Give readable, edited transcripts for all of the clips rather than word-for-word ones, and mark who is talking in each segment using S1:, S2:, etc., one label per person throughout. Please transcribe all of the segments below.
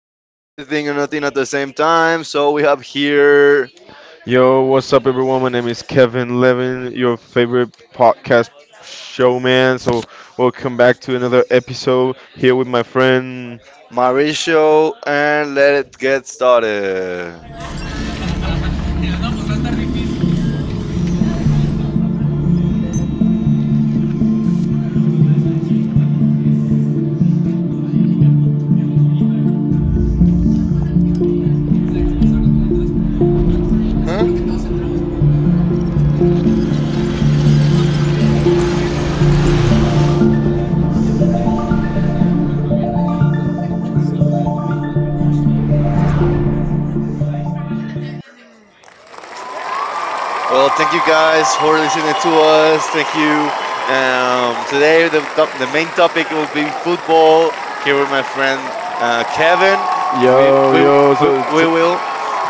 S1: talking about everything and nothing at the same time. So we have here
S2: Yo, what's up, everyone? My name is Kevin Levin, your favorite podcast showman. So, welcome back to another episode here with my friend.
S1: Mauricio, and let it get started. Huh? Well, thank you guys for listening to us. Thank you. Today the main topic will be football. Here with my friend Kevin, and we
S2: Yo,
S1: we
S2: yo.
S1: we,
S2: So,
S1: we
S2: t-
S1: will.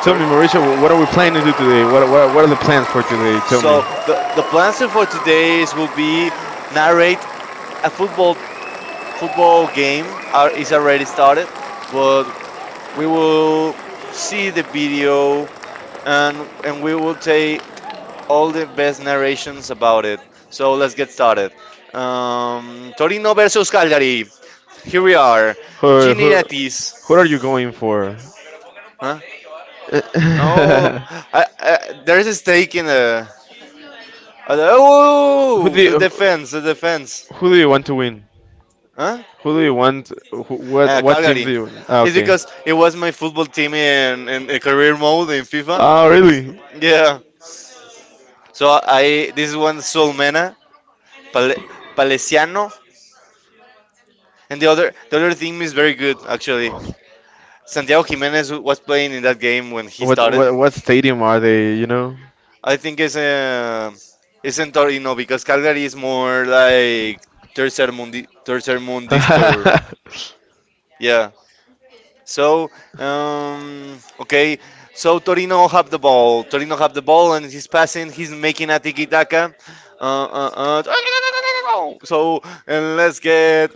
S2: Tell
S1: Sorry.
S2: me, Mauricio, what are we planning to do today? What are the plans for today? Tell me.
S1: So the plans for today is will be narrate a football game is already started, but we will see the video and we will take all the best narrations about it. So let's get started. Torino versus Calgary. Here we are. Gini Etis.
S2: Who are you going for?
S1: Huh? No, I, I, there's a stake in the. Oh, the defense, the defense.
S2: Who do you want to win?
S1: Huh?
S2: Who do you want? Who, what
S1: Calgary. It's because it was my football team in career mode in FIFA.
S2: really?
S1: Yeah. So I this one Solmena, Pale, Palesiano, and the other team is very good actually. Santiago Jimenez was playing in that game when he started.
S2: What stadium are they? You know.
S1: I think it's in Torino because Calgary is more like tercer
S2: Mundo.
S1: mundista. Yeah. So, okay. So Torino have the ball. Torino have the ball, and he's passing. He's making a tiki taka. Uh, uh, uh, so, and let's get.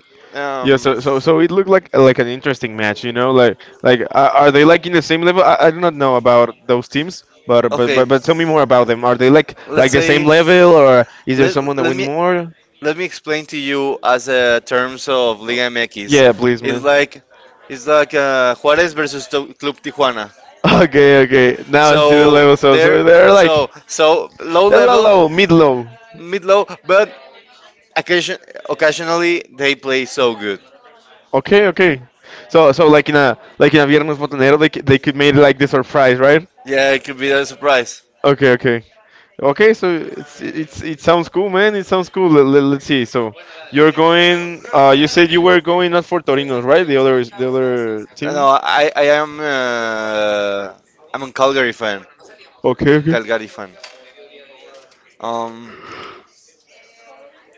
S2: Yeah,
S1: Um,
S2: so it looked like an interesting match, you know, like are they like in the same level? I do not know about those teams, but
S1: okay,
S2: tell me more about them. Are they
S1: let's
S2: like the okay. Same
S1: say.
S2: level, or is there someone that
S1: Let
S2: win
S1: me
S2: more?
S1: explain to you as a terms of Liga MX.
S2: Yeah, please,
S1: It's
S2: man.
S1: like Juarez versus Club Tijuana.
S2: Okay, okay. Now I see the
S1: So
S2: level. So
S1: there,
S2: so they're
S1: so
S2: like
S1: so low
S2: they're low,
S1: level
S2: low, mid low.
S1: mid low, but Occasion occasionally they play so good.
S2: Okay, okay. So so like in a Viernes Botanero, they could make like the surprise, right?
S1: Yeah, it could be a surprise.
S2: Okay, okay. Okay, so it sounds cool, man. It sounds cool. Us see. So you're going you said you were going not for Torino, right? The other is the other team?
S1: No, I am I'm a Calgary fan.
S2: Okay, okay.
S1: Calgary fan. Um,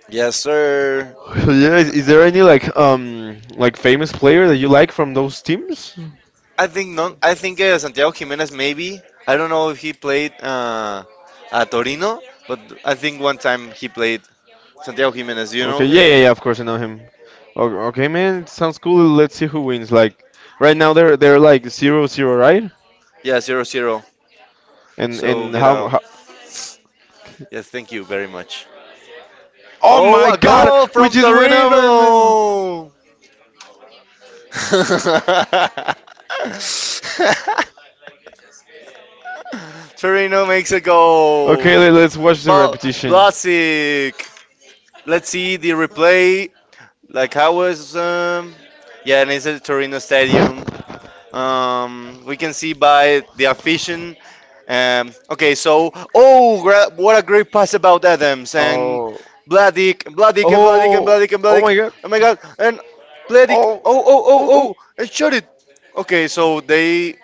S1: yes, sir.
S2: So yeah, is there any like famous player that you like from those teams?
S1: I think no. I think Santiago Jimenez maybe. I don't know if he played at Torino, but I think one time he played Santiago Jimenez. Do you
S2: Okay,
S1: know him?
S2: yeah. Of course, I know him. Okay, man, it sounds cool. Let's see who wins. Like right now, they're like zero zero, right?
S1: Yeah, zero zero.
S2: And
S1: So get out.
S2: how?
S1: Yes, thank you very much.
S2: Oh
S1: Oh,
S2: my
S1: a
S2: god!
S1: goal
S2: We
S1: from
S2: just went up and then.
S1: Torino! Torino makes a
S2: Okay,
S1: goal.
S2: let's watch the
S1: But
S2: repetition. Oh.
S1: Blasic. Let's see the replay. Like how was yeah, and it's at Torino Stadium. We can see by the official. Okay, so oh, what a great pass about Adams and
S2: Oh. Oh
S1: Bladic.
S2: my god.
S1: Oh my God! And Bladic.
S2: Oh.
S1: Oh, oh, oh,
S2: Oh. Oh.
S1: oh! And shot it. Okay, so they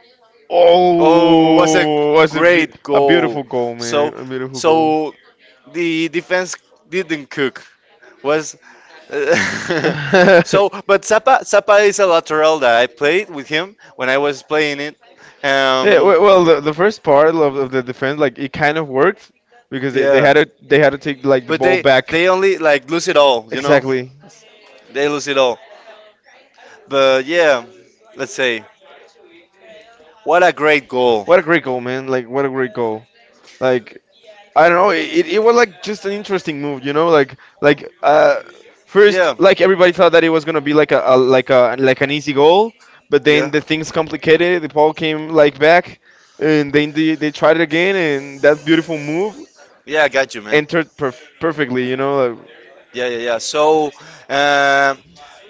S1: Oh, was a
S2: Oh.
S1: great
S2: A beautiful goal, man.
S1: So,
S2: A beautiful
S1: so the defense didn't cook. Was uh, so,
S2: goal.
S1: but Zappa is a lateral that I played with him when I was playing it. Yeah,
S2: Yeah, well, the first part of the defense, like it kind of worked because
S1: Yeah,
S2: they had to take like the
S1: but
S2: ball
S1: they
S2: back.
S1: only like lose it all, you know?
S2: Exactly.
S1: They lose it all. But yeah, let's say what a great goal.
S2: What a great goal, man! Like what a great goal. Like I don't know. It was like just an interesting move, you know, like first
S1: Yeah.
S2: like everybody thought that it was gonna be like a like an easy goal, but then
S1: Yeah.
S2: the things complicated. The ball came like back, and then they tried it again, and that beautiful move
S1: Yeah, I got you, man.
S2: entered perfectly. You know. Like,
S1: Yeah, yeah, yeah. So uh,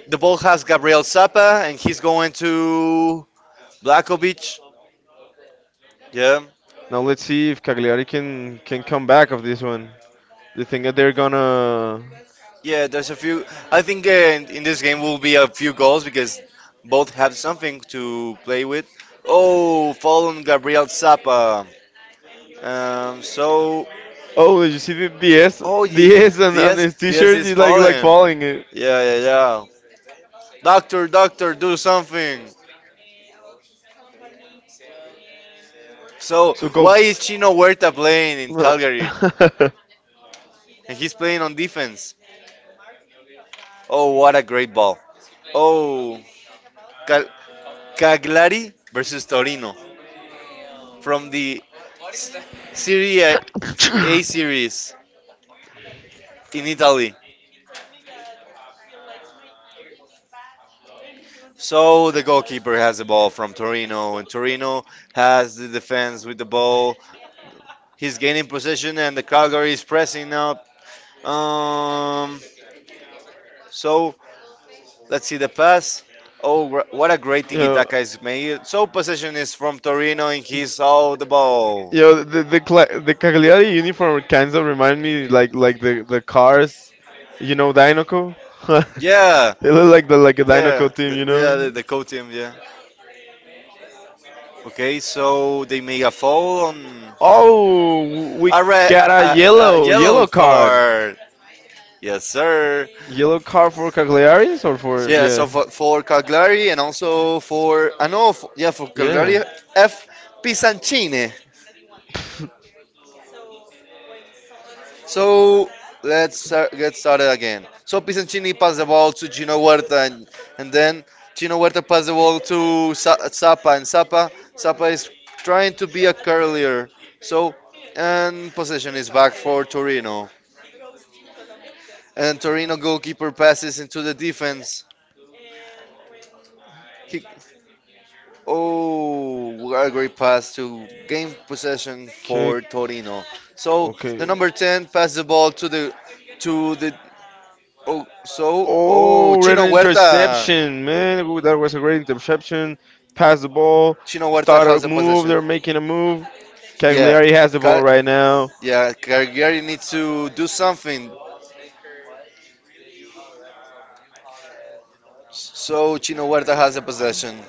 S1: the ball has Gabriel Zappa, and he's going to Blakovic. Yeah,
S2: now let's see if Cagliari can come back of this one. You think that they're gonna?
S1: yeah. There's a few. I think in this game will be a few goals because both have something to play with. Oh, fall on Gabriel Zappa. Um, so
S2: Oh, did you see the DS
S1: Oh,
S2: DS on
S1: yes,
S2: his t-shirt?
S1: yes,
S2: He's like
S1: falling.
S2: falling.
S1: Yeah, yeah, yeah. Doctor, doctor, do something. So,
S2: So go.
S1: why is Chino Huerta playing in Calgary? And he's playing on defense. Oh, what a great ball. Oh, Cal- Cagliari versus Torino from the Serie
S2: is
S1: A series in Italy. So, the goalkeeper has the ball from Torino, and Torino has the defense with the ball. He's gaining possession, and the Calgary is pressing now. Um, so let's see the pass. Oh, what a great tiki
S2: Yo,
S1: taka is made. So possession is from Torino and he
S2: all
S1: saw the ball.
S2: yo, the Cagliari uniform kinds of remind me like the cars, you know, Dinoco.
S1: Yeah,
S2: They look like the like a yeah, Dinoco team, you yeah, know.
S1: the co team. Yeah. Okay, so they make a foul on
S2: Oh, we
S1: a red
S2: got a
S1: a yellow
S2: yellow card.
S1: card. Yes, sir.
S2: Yellow card for Cagliaris or for
S1: Yeah,
S2: yeah.
S1: so for Cagliari and also for I know for, yeah for Cagliari
S2: Yeah.
S1: F Pisancini. So get started again. So Pisancini passed the ball to Gino Huerta and then Gino Huerta passed the ball to Zappa and Zappa is trying to be a curlier. So and possession is back for Torino and Torino goalkeeper passes into the defense. He Oh, a great pass to gain possession
S2: Okay.
S1: for Torino. So
S2: Okay.
S1: the number 10 passes the ball to the to the oh so oh
S2: Oh,
S1: Chino
S2: Renan
S1: Huerta.
S2: interception, man. Ooh, that was a great interception. Pass the ball.
S1: Chino Huerta
S2: Start a
S1: has the
S2: move. They're
S1: possession.
S2: making a move.
S1: Yeah.
S2: Cagliari has the ball
S1: Ca-
S2: right now.
S1: yeah, Cagliari needs to do something. So Chino Huerta has the possession.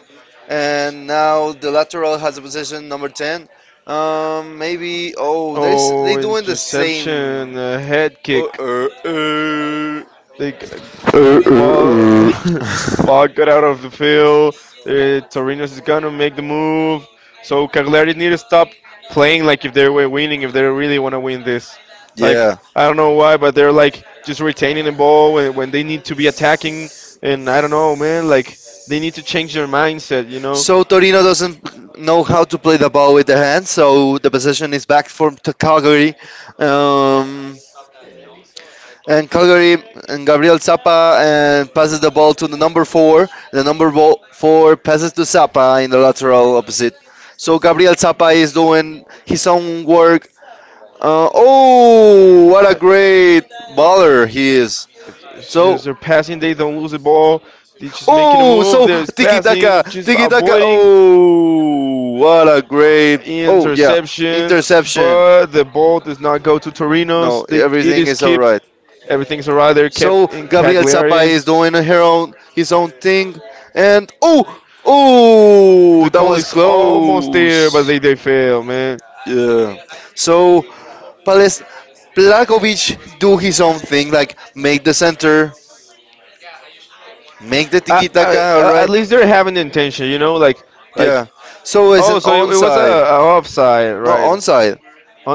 S1: And now the lateral has the possession, number 10. Oh, there's,
S2: Oh,
S1: they doing the
S2: interception,
S1: same.
S2: head kick.
S1: Uh, uh, uh.
S2: Like
S1: Uh,
S2: ball,
S1: uh, uh.
S2: ball got out of the field. Torino's is gonna make the move. So Cagliari need to stop playing like if they were winning, if they really want to win this. Like
S1: yeah.
S2: I don't know why, but they're like just retaining the ball when they need to be attacking. And I don't know, man. Like they need to change their mindset, you know.
S1: So Torino doesn't know how to play the ball with the hand, so the possession is back for to Calgary. Um, and Calgary and Gabriel Zappa and passes the ball to the number four. The four passes to Zappa in the lateral opposite. So Gabriel Zappa is doing his own work. Oh, what a great baller he is!
S2: It's just
S1: So
S2: they're passing, they don't lose the ball. They're just making a
S1: oh,
S2: move.
S1: so
S2: They're
S1: tiki
S2: passing,
S1: taka,
S2: just
S1: tiki taka.
S2: avoiding
S1: Oh, what a great. Oh yeah,
S2: interception.
S1: interception.
S2: But the ball does not go to
S1: No,
S2: Torino's. They, it
S1: everything
S2: is
S1: is all
S2: kept.
S1: right.
S2: Everything's alright. They're
S1: So
S2: kept in
S1: Gabriel Zappa is
S2: Cagliari's.
S1: doing his own thing, and oh,
S2: The
S1: that
S2: goal
S1: was
S2: is almost there, but
S1: close.
S2: they fail, man.
S1: Yeah. So Pales Plakovic do his own thing, like make the center, make the tiki taka, all
S2: At
S1: right?
S2: least they're having the intention, you know, like like.
S1: Yeah. So it's
S2: Oh,
S1: an
S2: so it was
S1: onside.
S2: a offside,
S1: Not
S2: right?
S1: onside.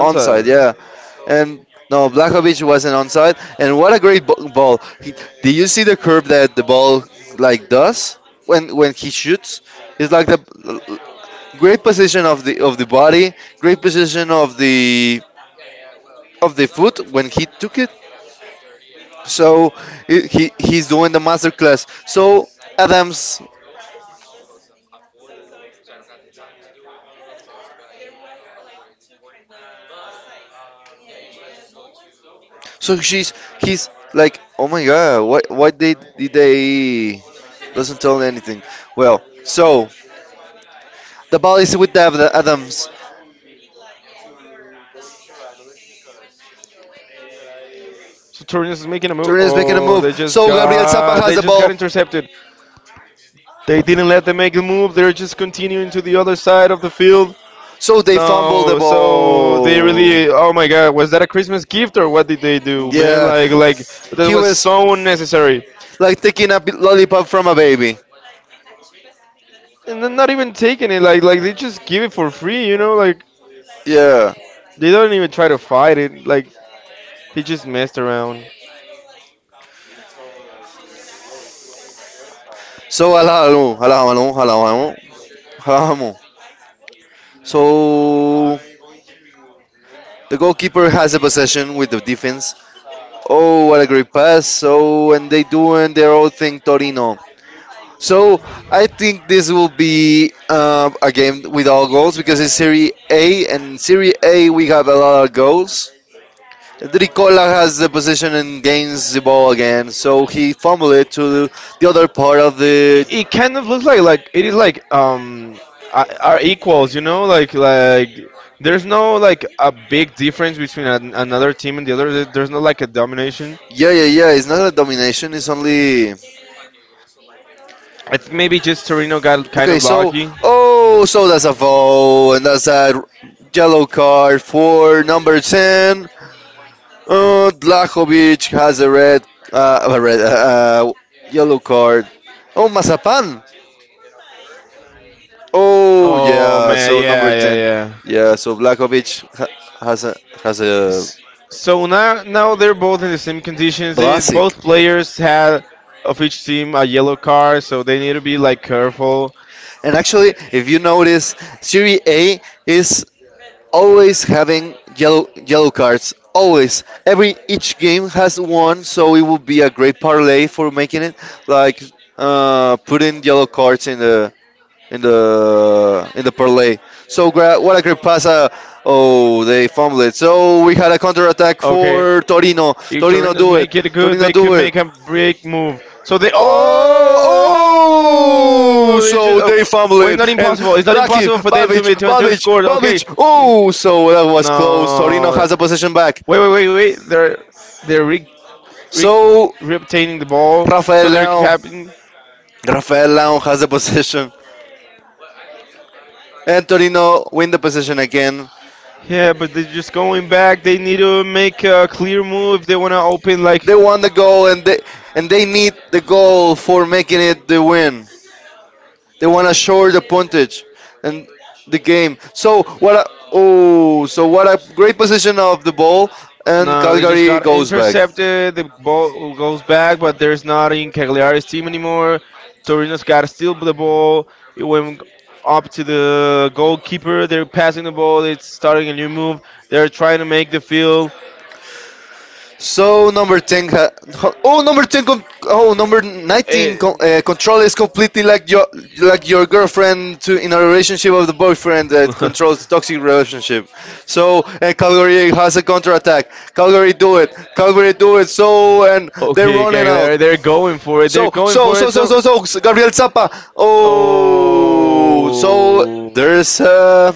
S1: Onside, yeah. And no, Blakovic wasn't onside. And what a great ball! Do you see the curve that the ball like does when he shoots? It's like the great position of the body, great position of the foot when he took it. So he he's doing the masterclass. So Adams, so she's he's like, oh my god, what did they doesn't tell anything. Well, so the ball is with Adams.
S2: So Torres is making a move.
S1: Turner is making a
S2: Oh,
S1: move. So Gabriel Zappa has
S2: they
S1: the
S2: just got
S1: ball.
S2: intercepted. They didn't let them make the move. They're just continuing to the other side of the field.
S1: So they fumble the
S2: No, so they
S1: ball.
S2: really. Oh my God, was that a Christmas gift or what did they do, man?
S1: Yeah.
S2: Like that
S1: He
S2: was
S1: was
S2: so unnecessary.
S1: like taking a lollipop from a baby.
S2: And then not even taking it. Like they just give it for free. You know, like
S1: Yeah.
S2: they don't even try to fight it. Like he just messed around.
S1: So allow. So the goalkeeper has the possession with the defense. Oh, what a great pass! So and they doing their own thing, Torino. So I think this will be a game with all goals because it's Serie A, and in Serie A we have a lot of goals. Dricola has the position and gains the ball again, so he fumbled it to the other part of
S2: It,
S1: the.
S2: it kind of looks like it is like are equals, you know, like there's no like a big difference between another team and the other. There's no like a domination.
S1: Yeah, yeah, yeah. It's not a domination. It's only.
S2: It's maybe just Torino got kind
S1: Okay,
S2: of
S1: so
S2: lucky.
S1: oh, so that's a foul, and that's a yellow card for number ten. Dlahovic has a red, yellow card. Oh, Mazapan. Oh,
S2: Oh
S1: yeah.
S2: man,
S1: So number ten.
S2: yeah.
S1: Yeah. So Blakovic ha- has a has a
S2: So now they're both in the same conditions. They,
S1: Blasic.
S2: both players had of each team a yellow card, so they need to be like careful.
S1: And actually, if you notice, Serie A is always having yellow cards. Always, every each game has one, so it would be a great parlay for making it. Like putting yellow cards in the in the parlay. So what a great pass! Oh, they fumbled it. So we had a counter attack
S2: Okay.
S1: for Torino.
S2: If Turin
S1: Torino
S2: does
S1: do it.
S2: make it good,
S1: Torino
S2: they
S1: do
S2: can
S1: it.
S2: make a break move. So they oh,
S1: Oh, oh!
S2: oh they just
S1: So
S2: oh,
S1: they fumble
S2: well, it's
S1: it,
S2: not
S1: and
S2: impossible. It's not impossible for them to to enter the score. Okay.
S1: Balvich. Oh, so that was close. Torino
S2: No.
S1: has the possession back.
S2: Wait. They're rigged
S1: So
S2: reobtaining the ball.
S1: Rafael
S2: So they're
S1: Leão,
S2: capping.
S1: Rafael Leão has the possession, and Torino win the possession again.
S2: Yeah, but they're just going back. They need to make a clear move if they want to open. Like,
S1: They want the goal, and they need the goal for making it the win. They want to shore the puntage and the game. So what? A, oh, so what a great position of the ball, and
S2: no, they just Valtari
S1: Calgary
S2: got
S1: goes back.
S2: intercepted. The ball goes back, but there's not in Cagliari's team anymore. Torino's got to steal the ball. It went up to the goalkeeper. They're passing the ball. It's starting a new move. They're trying to make the field.
S1: So number ten,
S2: Eh,
S1: control is completely like your girlfriend to in a relationship of the boyfriend that controls toxic relationship. So and Calgary has a counter attack. Calgary do it. Calgary do it. So and they're
S2: Okay,
S1: running out.
S2: Cagliari, it. They're going for it. They're
S1: So
S2: going
S1: so
S2: for
S1: so
S2: it.
S1: so so so
S2: So,
S1: so, Gabriel Zappa.
S2: oh.
S1: Oh, so
S2: Oh.
S1: there's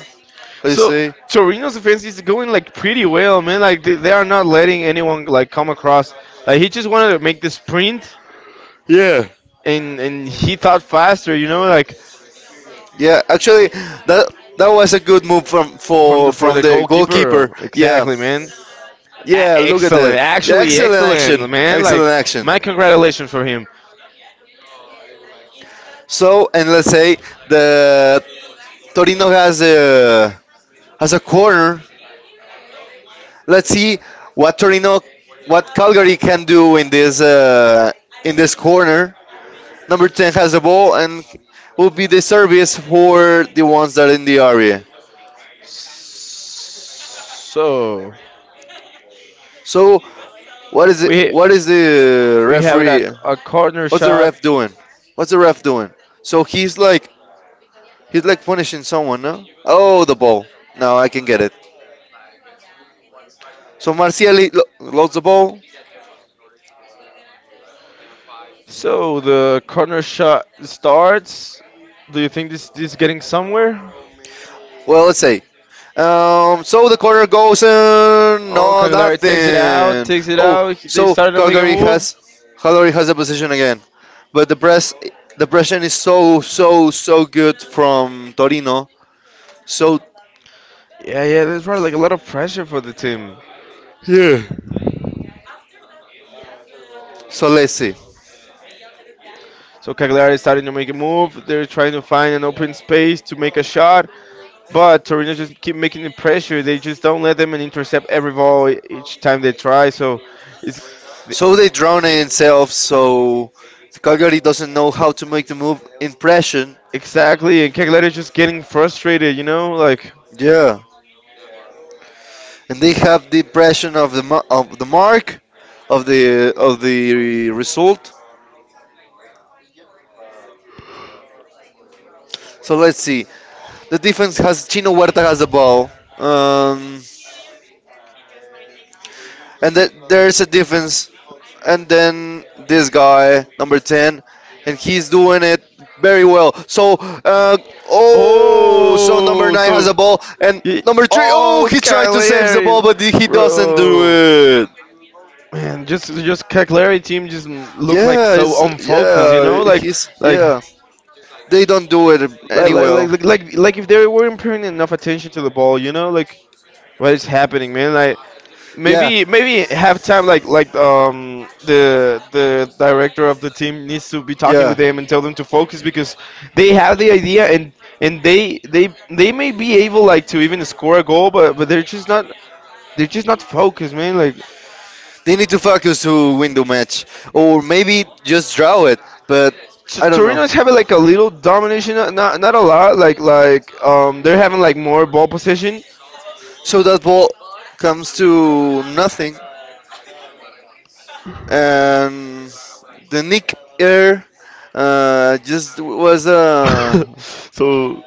S1: let's
S2: So
S1: see.
S2: Torino's defense is going like pretty well, man. Like they are not letting anyone like come across. Like he just wanted to make the sprint,
S1: Yeah,
S2: and he thought faster. You know, like
S1: Yeah, actually, that that was a good move
S2: from for
S1: from
S2: the
S1: the goalkeeper.
S2: goalkeeper.
S1: Yeah,
S2: Exactly, man.
S1: yeah. Look at
S2: Excellent,
S1: that. Yeah,
S2: actually
S1: excellent action,
S2: excellent, man. Like
S1: excellent action.
S2: my congratulations for him.
S1: So, and let's say the Torino has a corner. Let's see what Torino, what Calgary can do in this corner. Number ten has the ball and will be the service for the ones that are in the area.
S2: So
S1: So, what is it?
S2: we
S1: What is the
S2: we have
S1: referee?
S2: a corner
S1: What's the
S2: shot.
S1: ref doing? What's the ref doing? So he's like punishing someone, no? Oh, the ball. Now I can get it. So Marciali loads the ball.
S2: So the corner shot starts. Do you think this is getting somewhere?
S1: Well, let's say. So the corner goes in.
S2: Oh,
S1: No,
S2: Cagliari takes it out,
S1: nothing.
S2: takes it
S1: Oh,
S2: out. They
S1: so
S2: started to make a move.
S1: Calgary has the position again, but the pressure is so so so good from Torino. So
S2: Yeah, yeah, there's probably like a lot of pressure for the team.
S1: Yeah. Solese.
S2: So Cagliari is starting to make a move. They're trying to find an open space to make a shot, but Torino just keep making the pressure. They just don't let them and intercept every ball each time they try. So it's
S1: So they drown themselves, so Calgary doesn't know how to make the move impression.
S2: exactly, and Cagliari is just getting frustrated. You know, like
S1: Yeah, and they have the impression of the mark of the result. So let's see. The defense has Chino Huerta has the ball, um, and that there's a defense. And then this guy number 10, and he's doing it very well. So uh, oh, so number
S2: oh, oh,
S1: 9 has a
S2: so
S1: ball and
S2: y-
S1: number 3. Oh,
S2: oh,
S1: he tried to save the
S2: Cagliari,
S1: ball but he doesn't do
S2: bro.
S1: it.
S2: Man, just Cagliari team just mm, look like
S1: Yeah, it's,
S2: so unfocused, you
S1: yeah,
S2: know, like
S1: he's,
S2: like
S1: yeah, they don't do it any well.
S2: like if they weren't paying enough attention to the ball, you know, like what is happening, man? Like
S1: Yeah,
S2: maybe maybe halftime like the director of the team needs to be talking
S1: yeah,
S2: with them and tell them to focus because they have the idea and they may be able like to even score a goal but they're just not focused man like
S1: they need to focus to win the match, or maybe just draw it, but
S2: so
S1: I don't know.
S2: Torino is having like a little domination not not a lot like they're having like more ball possession
S1: So that ball comes to nothing, and the Nick Air just was
S2: so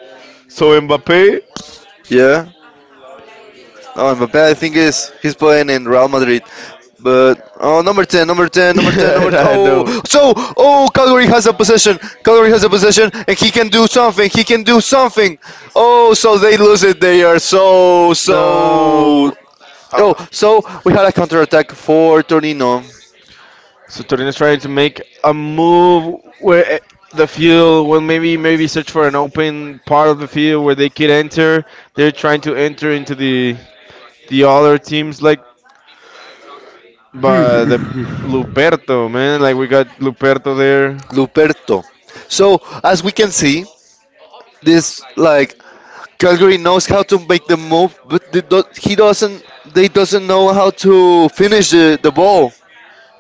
S2: so Mbappe
S1: yeah. Oh, my bad. I think is he's playing in Real Madrid, but oh, number ten, number ten, number ten, number. T-
S2: yeah, I
S1: oh,
S2: know.
S1: so oh, Calgary has a possession. Calgary has a possession, and he can do something. He can do something. Oh, so they lose it. They are so so.
S2: No.
S1: Oh,
S2: Uh,
S1: so we had a counter attack for Torino.
S2: so Torino is trying to make a move where the field, well, maybe maybe search for an open part of the field where they could enter. They're trying to enter into the other teams like but the Luperto, man, like we got Luperto there.
S1: Luperto. So as we can see, this like Calgary knows how to make the move, but they do, he doesn't. They doesn't know how to finish the ball.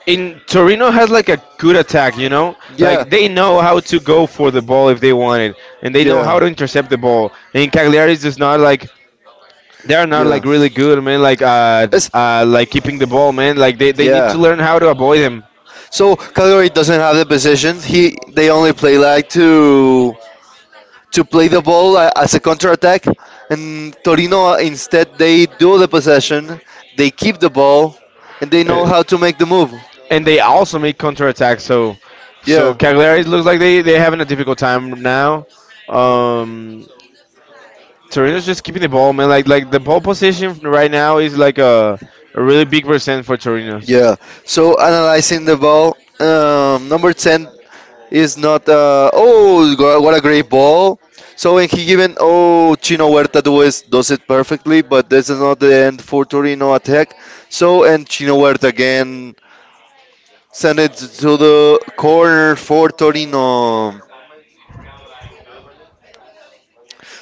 S2: In Torino has like a good attack, you know?
S1: Yeah,
S2: Like they know how to go for the ball if they want it and they know how
S1: yeah,
S2: to intercept the ball. And Cagliari is just not like they're not
S1: yeah.
S2: like really good, man,
S1: It's,
S2: like keeping the ball, man. Like they need to
S1: yeah.
S2: learn how to avoid him.
S1: So Calgary doesn't have the position. He they only play like two to play the ball a- as a counter attack, and Torino instead they do the possession, they keep the ball, and they know how to make the move.
S2: And they also made counterattacks. So, so
S1: Yeah,
S2: Cagliari looks like they having a difficult time now. Um, Torino's just keeping the ball, man. Like the ball position right now is like a really big percent for Torino's.
S1: yeah. So analyzing the ball, number ten is not. Oh, go- what a great ball! So when he given, oh, Chino Huerta does it perfectly, but this is not the end for Torino attack. So and Chino Huerta again send it to the corner for Torino.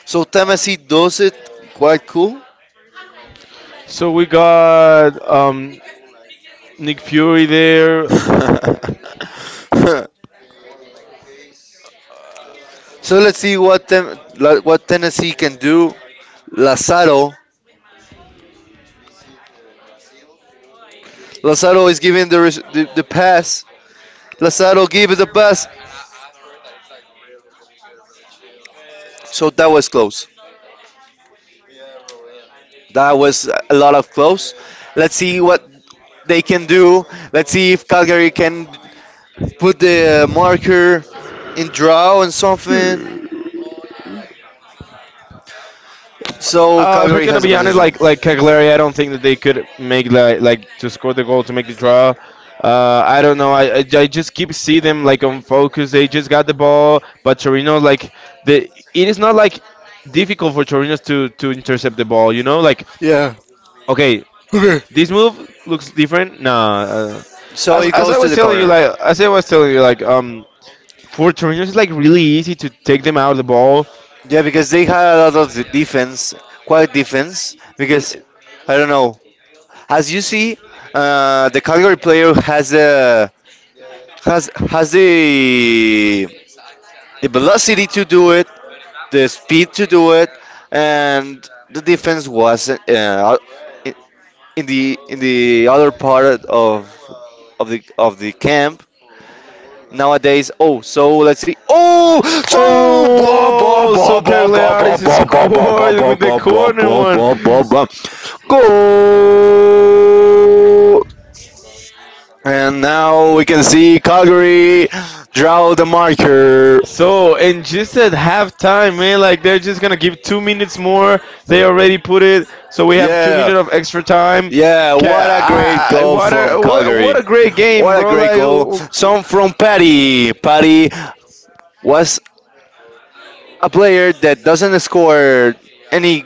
S1: So Temesi does it quite cool.
S2: So we got Nick Fury there.
S1: so let's see what Tem- la- what Tennessee can do. Lazaro, Lazaro is giving the, res- the pass. Lazaro gives the pass. So that was close. That was a lot of close. Let's see what they can do. Let's see if Calgary can put the marker in draw and something. So
S2: If I
S1: Calgary
S2: could
S1: has a
S2: be honest,
S1: position.
S2: like Cagliari, I don't think that they could make
S1: It.
S2: like to score the goal to make the draw. I don't know. I just keep see them like on focus. They just got the ball, but Torino like the it is not like difficult for Torino to intercept the ball. You know, like
S1: Yeah.
S2: okay,
S1: Okay.
S2: this move looks different. Nah,
S1: So it
S2: as
S1: goes
S2: I
S1: to
S2: was
S1: the
S2: telling you,
S1: corner.
S2: like as I was telling you, like for Torino it's like really easy to take them out of the ball
S1: Yeah, because they had a lot of the defense, quite defense.
S2: and
S1: Because I don't know, as you see, the Calgary player has the velocity to do it, the speed to do it, and the defense was in the other part of of the camp, nowadays. Oh, so let's see. Oh, so blah blah
S2: oh, so
S1: blah blah blah blah
S2: Cagliaris
S1: blah blah
S2: scored
S1: blah
S2: with the
S1: blah blah blah blah
S2: corner
S1: blah
S2: one.
S1: blah blah blah. Go. And now we can see Calgary draw the marker.
S2: So and just at halftime, man, like they're just gonna give 2 minutes more. They already put it, so we have two
S1: Yeah.
S2: minutes of extra time.
S1: Yeah, what a great goal
S2: What
S1: from
S2: a what
S1: Calgary.
S2: a great game,
S1: What a
S2: bro!
S1: great goal. Some from Patty. Patty was a player that doesn't score any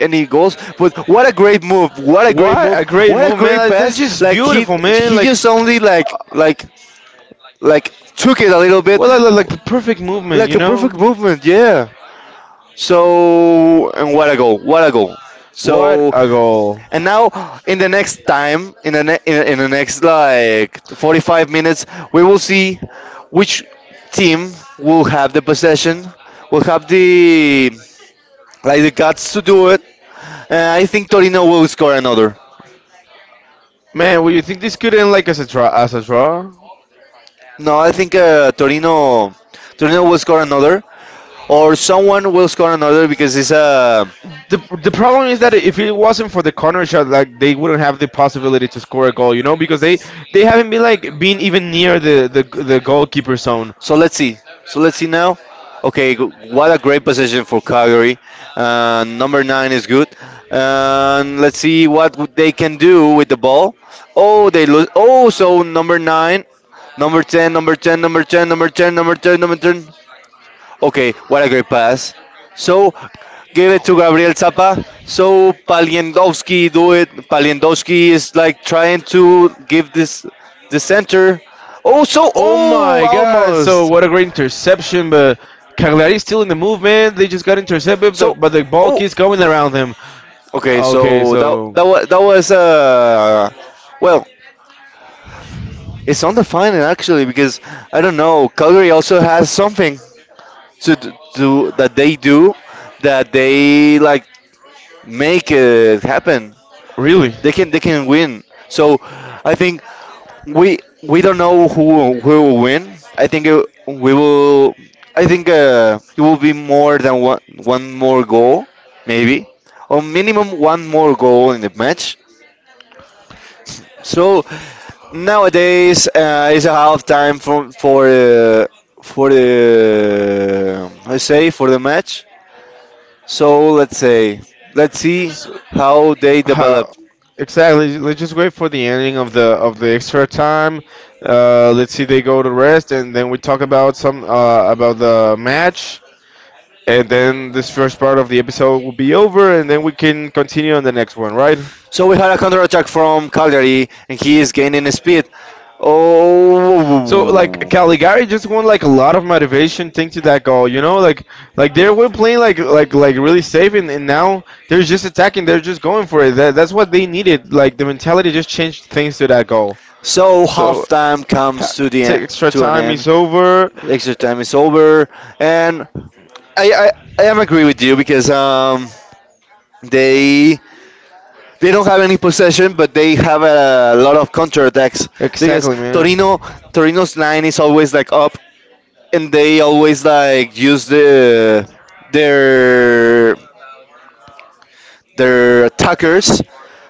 S1: any goals, but what a great move, what a great
S2: What
S1: move,
S2: a great
S1: what a
S2: move, man!
S1: great
S2: That's
S1: pass.
S2: just
S1: Like
S2: beautiful, man.
S1: he just only
S2: Uh,
S1: like took it a little bit
S2: well, like the perfect movement,
S1: like
S2: you
S1: a
S2: know?
S1: perfect movement, yeah. So and what a goal, what a goal.
S2: What
S1: So
S2: a goal!
S1: and now in the next time in the ne- in the next like 45 minutes we will see which team will have the possession, will have the like the guts to do it. I think Torino will score another.
S2: Man, would you think this could end like as a draw? As a draw?
S1: No, I think Torino, Torino will score another, or someone will score another because it's a.
S2: The problem is that if it wasn't for the corner shot, like they wouldn't have the possibility to score a goal, you know, because they haven't been like been even near the goalkeeper zone.
S1: So let's see. So let's see now. Okay, g- what a great possession for Calgary. Number nine is good. And let's see what w- they can do with the ball. Oh, they lose. Oh, so number nine, number ten, number ten, number ten, number ten, number ten, number ten. Okay, what a great pass. So, give it to Gabriel Zappa. So, Paliendowski do it. Paliendowski is like trying to give this the center. Oh, so,
S2: Oh
S1: oh,
S2: my God! So
S1: almost.
S2: what a great interception, but Cagliari's still in the movement. They just got intercepted,
S1: So,
S2: but the ball
S1: oh,
S2: keeps going around him.
S1: okay,
S2: Okay,
S1: so that
S2: so
S1: that was that was well, it's on the final actually because I don't know. Calgary also has something to d- do that they like make it happen.
S2: really,
S1: They can win. So I think we don't know who will win. I think it, we will. I think it will be more than one, one more goal, maybe, or minimum one more goal in the match. So nowadays it's a half time for the, I say for the match. So let's say, let's see
S2: so,
S1: how they
S2: Uh,
S1: develop.
S2: exactly. Let's just wait for the ending of the extra time. Let's see they go to rest, and then we talk about some about the match, and then this first part of the episode will be over, and then we can continue on the next one, right?
S1: So we had a counter attack from Cagliari, and he is gaining speed.
S2: So like
S1: Oh.
S2: Caligari just won like a lot of motivation thanks to that goal, you know, like like they were playing like really safe and now they're just attacking, they're just going for it. That's what they needed. Like the mentality just changed thanks to that goal.
S1: So
S2: So,
S1: half time
S2: ha-
S1: comes to the
S2: Take extra
S1: to an
S2: time
S1: end.
S2: is over.
S1: Extra time is over, and I I, I am agree with you because they they don't have any possession, but they have a lot of counter attacks because
S2: Exactly, man.
S1: Torino Torino's line is always like up, and they always like use the their their attackers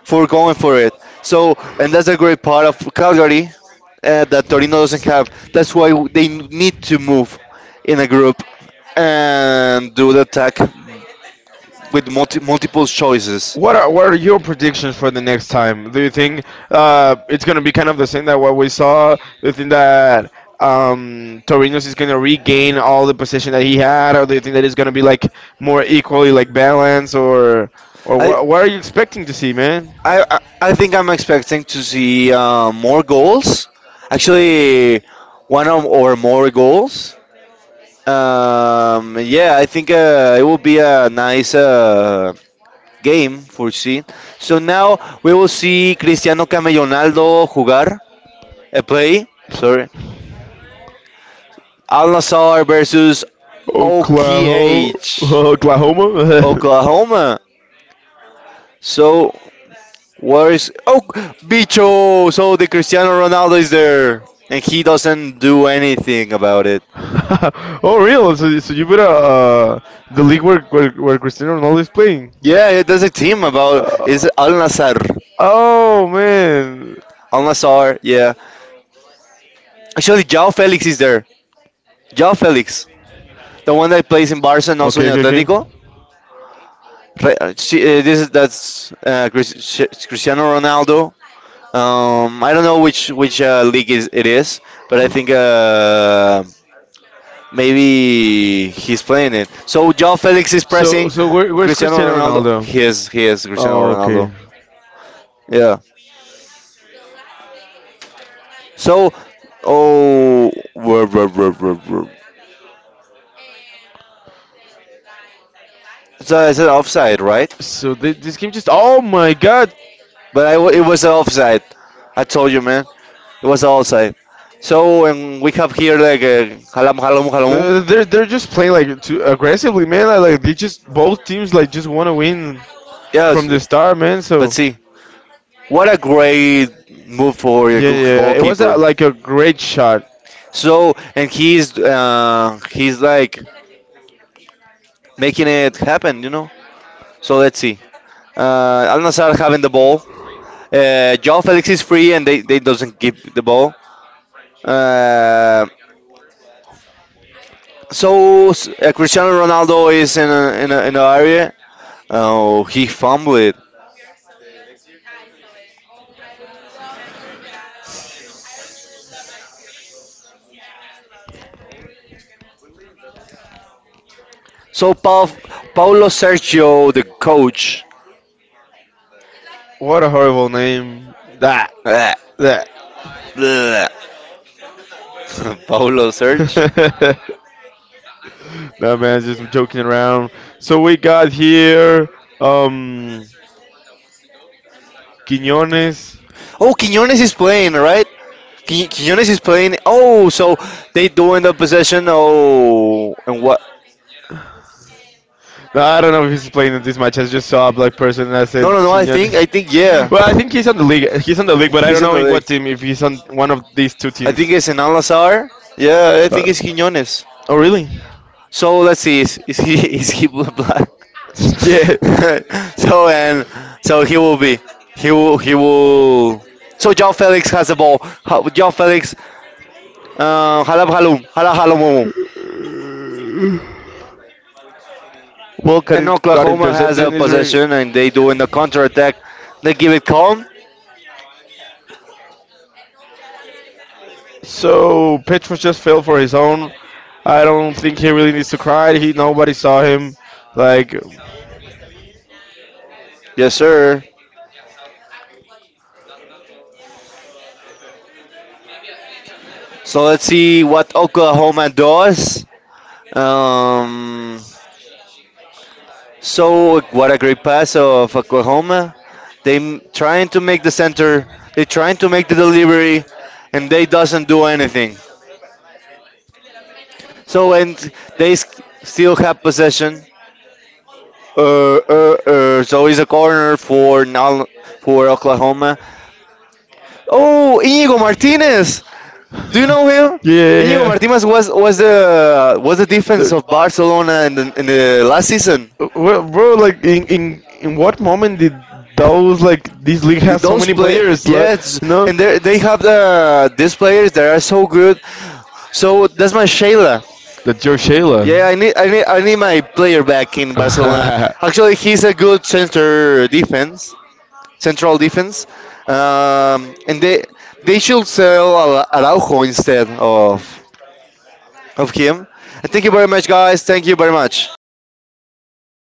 S1: for going for it. So, and that's a great part of Calgary that Torino doesn't have. That's why they need to move in a group and do the attack with multi- multiple choices.
S2: What are your predictions for the next time? Do you think it's gonna be kind of the same that what we saw? Do you think that Torinos is gonna regain all the position that he had, or do you think that it's gonna be like more equally like balanced, or
S1: I,
S2: what are you expecting to see, man?
S1: I think I'm expecting to see more goals. Actually, one or more goals. Yeah, I think it will be a nice. Game for foreseen. So now we will see Cristiano Camellonaldo jugar, play, sorry, Al Nassr versus
S2: Oklahoma,
S1: OKH,
S2: Oklahoma.
S1: Oklahoma. So where is oh Bicho? So the Cristiano Ronaldo is there, and he doesn't do anything about it.
S2: Oh, real? So, the league where, where Cristiano Ronaldo is playing?
S1: Yeah, it there's a team about is Al
S2: Uh,
S1: Nassr.
S2: oh, man.
S1: Al Nassr, yeah. Actually, Jao Felix is there. Jao Felix, the one that plays in Barca and also in
S2: Okay, okay,
S1: Atletico.
S2: okay.
S1: Re- she, this is that's Chris- Cristiano Ronaldo. I don't know which league is it is, but I think maybe he's playing it. So João Felix is
S2: So,
S1: pressing
S2: so where, where's
S1: Cristiano
S2: Cristiano
S1: Ronaldo.
S2: Ronaldo?
S1: He is Cristiano
S2: Oh, okay.
S1: Ronaldo. Yeah. So oh, whoa, whoa, whoa, whoa, whoa. So it's an offside, right?
S2: So they, this game just. Oh my God!
S1: But I w- it was an offside. I told you, man, it was an offside. So and we have here like halam halam halam.
S2: They're just playing like too aggressively, man. Like they just both teams like just want to win. From
S1: Yes,
S2: the start, man. So
S1: let's see. What a great move for the
S2: yeah,
S1: goal-
S2: yeah, yeah, it was a,
S1: goalkeeper.
S2: like a great shot.
S1: So, and he's like making it happen, you know. So let's see. Al Nassr having the ball. Joao Felix is free, and they doesn't give the ball. Uh, so s- Cristiano Ronaldo is in a, in a, in the area. Oh, he fumbled. So pa- Paulo Sergio, the coach.
S2: What a horrible name. That, that.
S1: Blech. Paulo Serge.
S2: No man, just joking around. So we got here, um, Quiñones.
S1: Oh, Quiñones is playing, right? Qui- Quiñones is playing. Oh, so they do end up possession. Oh, and what?
S2: No, I don't know if he's playing in this match. I just saw a black person and I said
S1: No, no, no. I
S2: Quiñones.
S1: think, yeah.
S2: Well, I think he's on the league. He's on the league, but I don't
S1: He's in
S2: know
S1: the
S2: in
S1: league.
S2: what team. If he's on one of these two
S1: I
S2: teams.
S1: think it's in Al Nazar. Yeah, I think
S2: Uh,
S1: it's Quiñones.
S2: Oh, really?
S1: So let's see, is he, is he black?
S2: Yeah.
S1: so and so he will be, he will he will. So Joe Felix has the ball. Ho- Joe Felix, halab halum, halab halumumu.
S2: Well, got,
S1: And
S2: in, got
S1: Oklahoma has a
S2: intercepted in Israel.
S1: possession, and they do in the counter attack. They give it calm.
S2: So Petros just fell for his own. I don't think he really needs to cry. He nobody saw him. Like,
S1: Yes, sir. So let's see what Oklahoma does. Um, So what a great pass of Oklahoma. They m- trying to make the center. They trying to make the delivery, and they doesn't do anything. So and they s- still have possession. So it's a corner for now for Oklahoma. Oh, Inigo Martinez. Do you know him? Inigo
S2: yeah.
S1: Martinez was
S2: The-
S1: the was the defense of Barcelona in the last season.
S2: Well, bro, like in what moment did those like this league
S1: Th-
S2: has so
S1: those
S2: many
S1: play,
S2: players, like
S1: yes,
S2: you know?
S1: and they have the these players that are so good. So that's my
S2: Shayla,
S1: Shayla,
S2: that's your
S1: yeah.
S2: Shayla.
S1: I need I need my player back in Barcelona.
S2: Actually,
S1: Actually, he's a good center defense, central defense, and they should sell Ara- Araujo instead of him. And thank you very much guys, thank you very much. So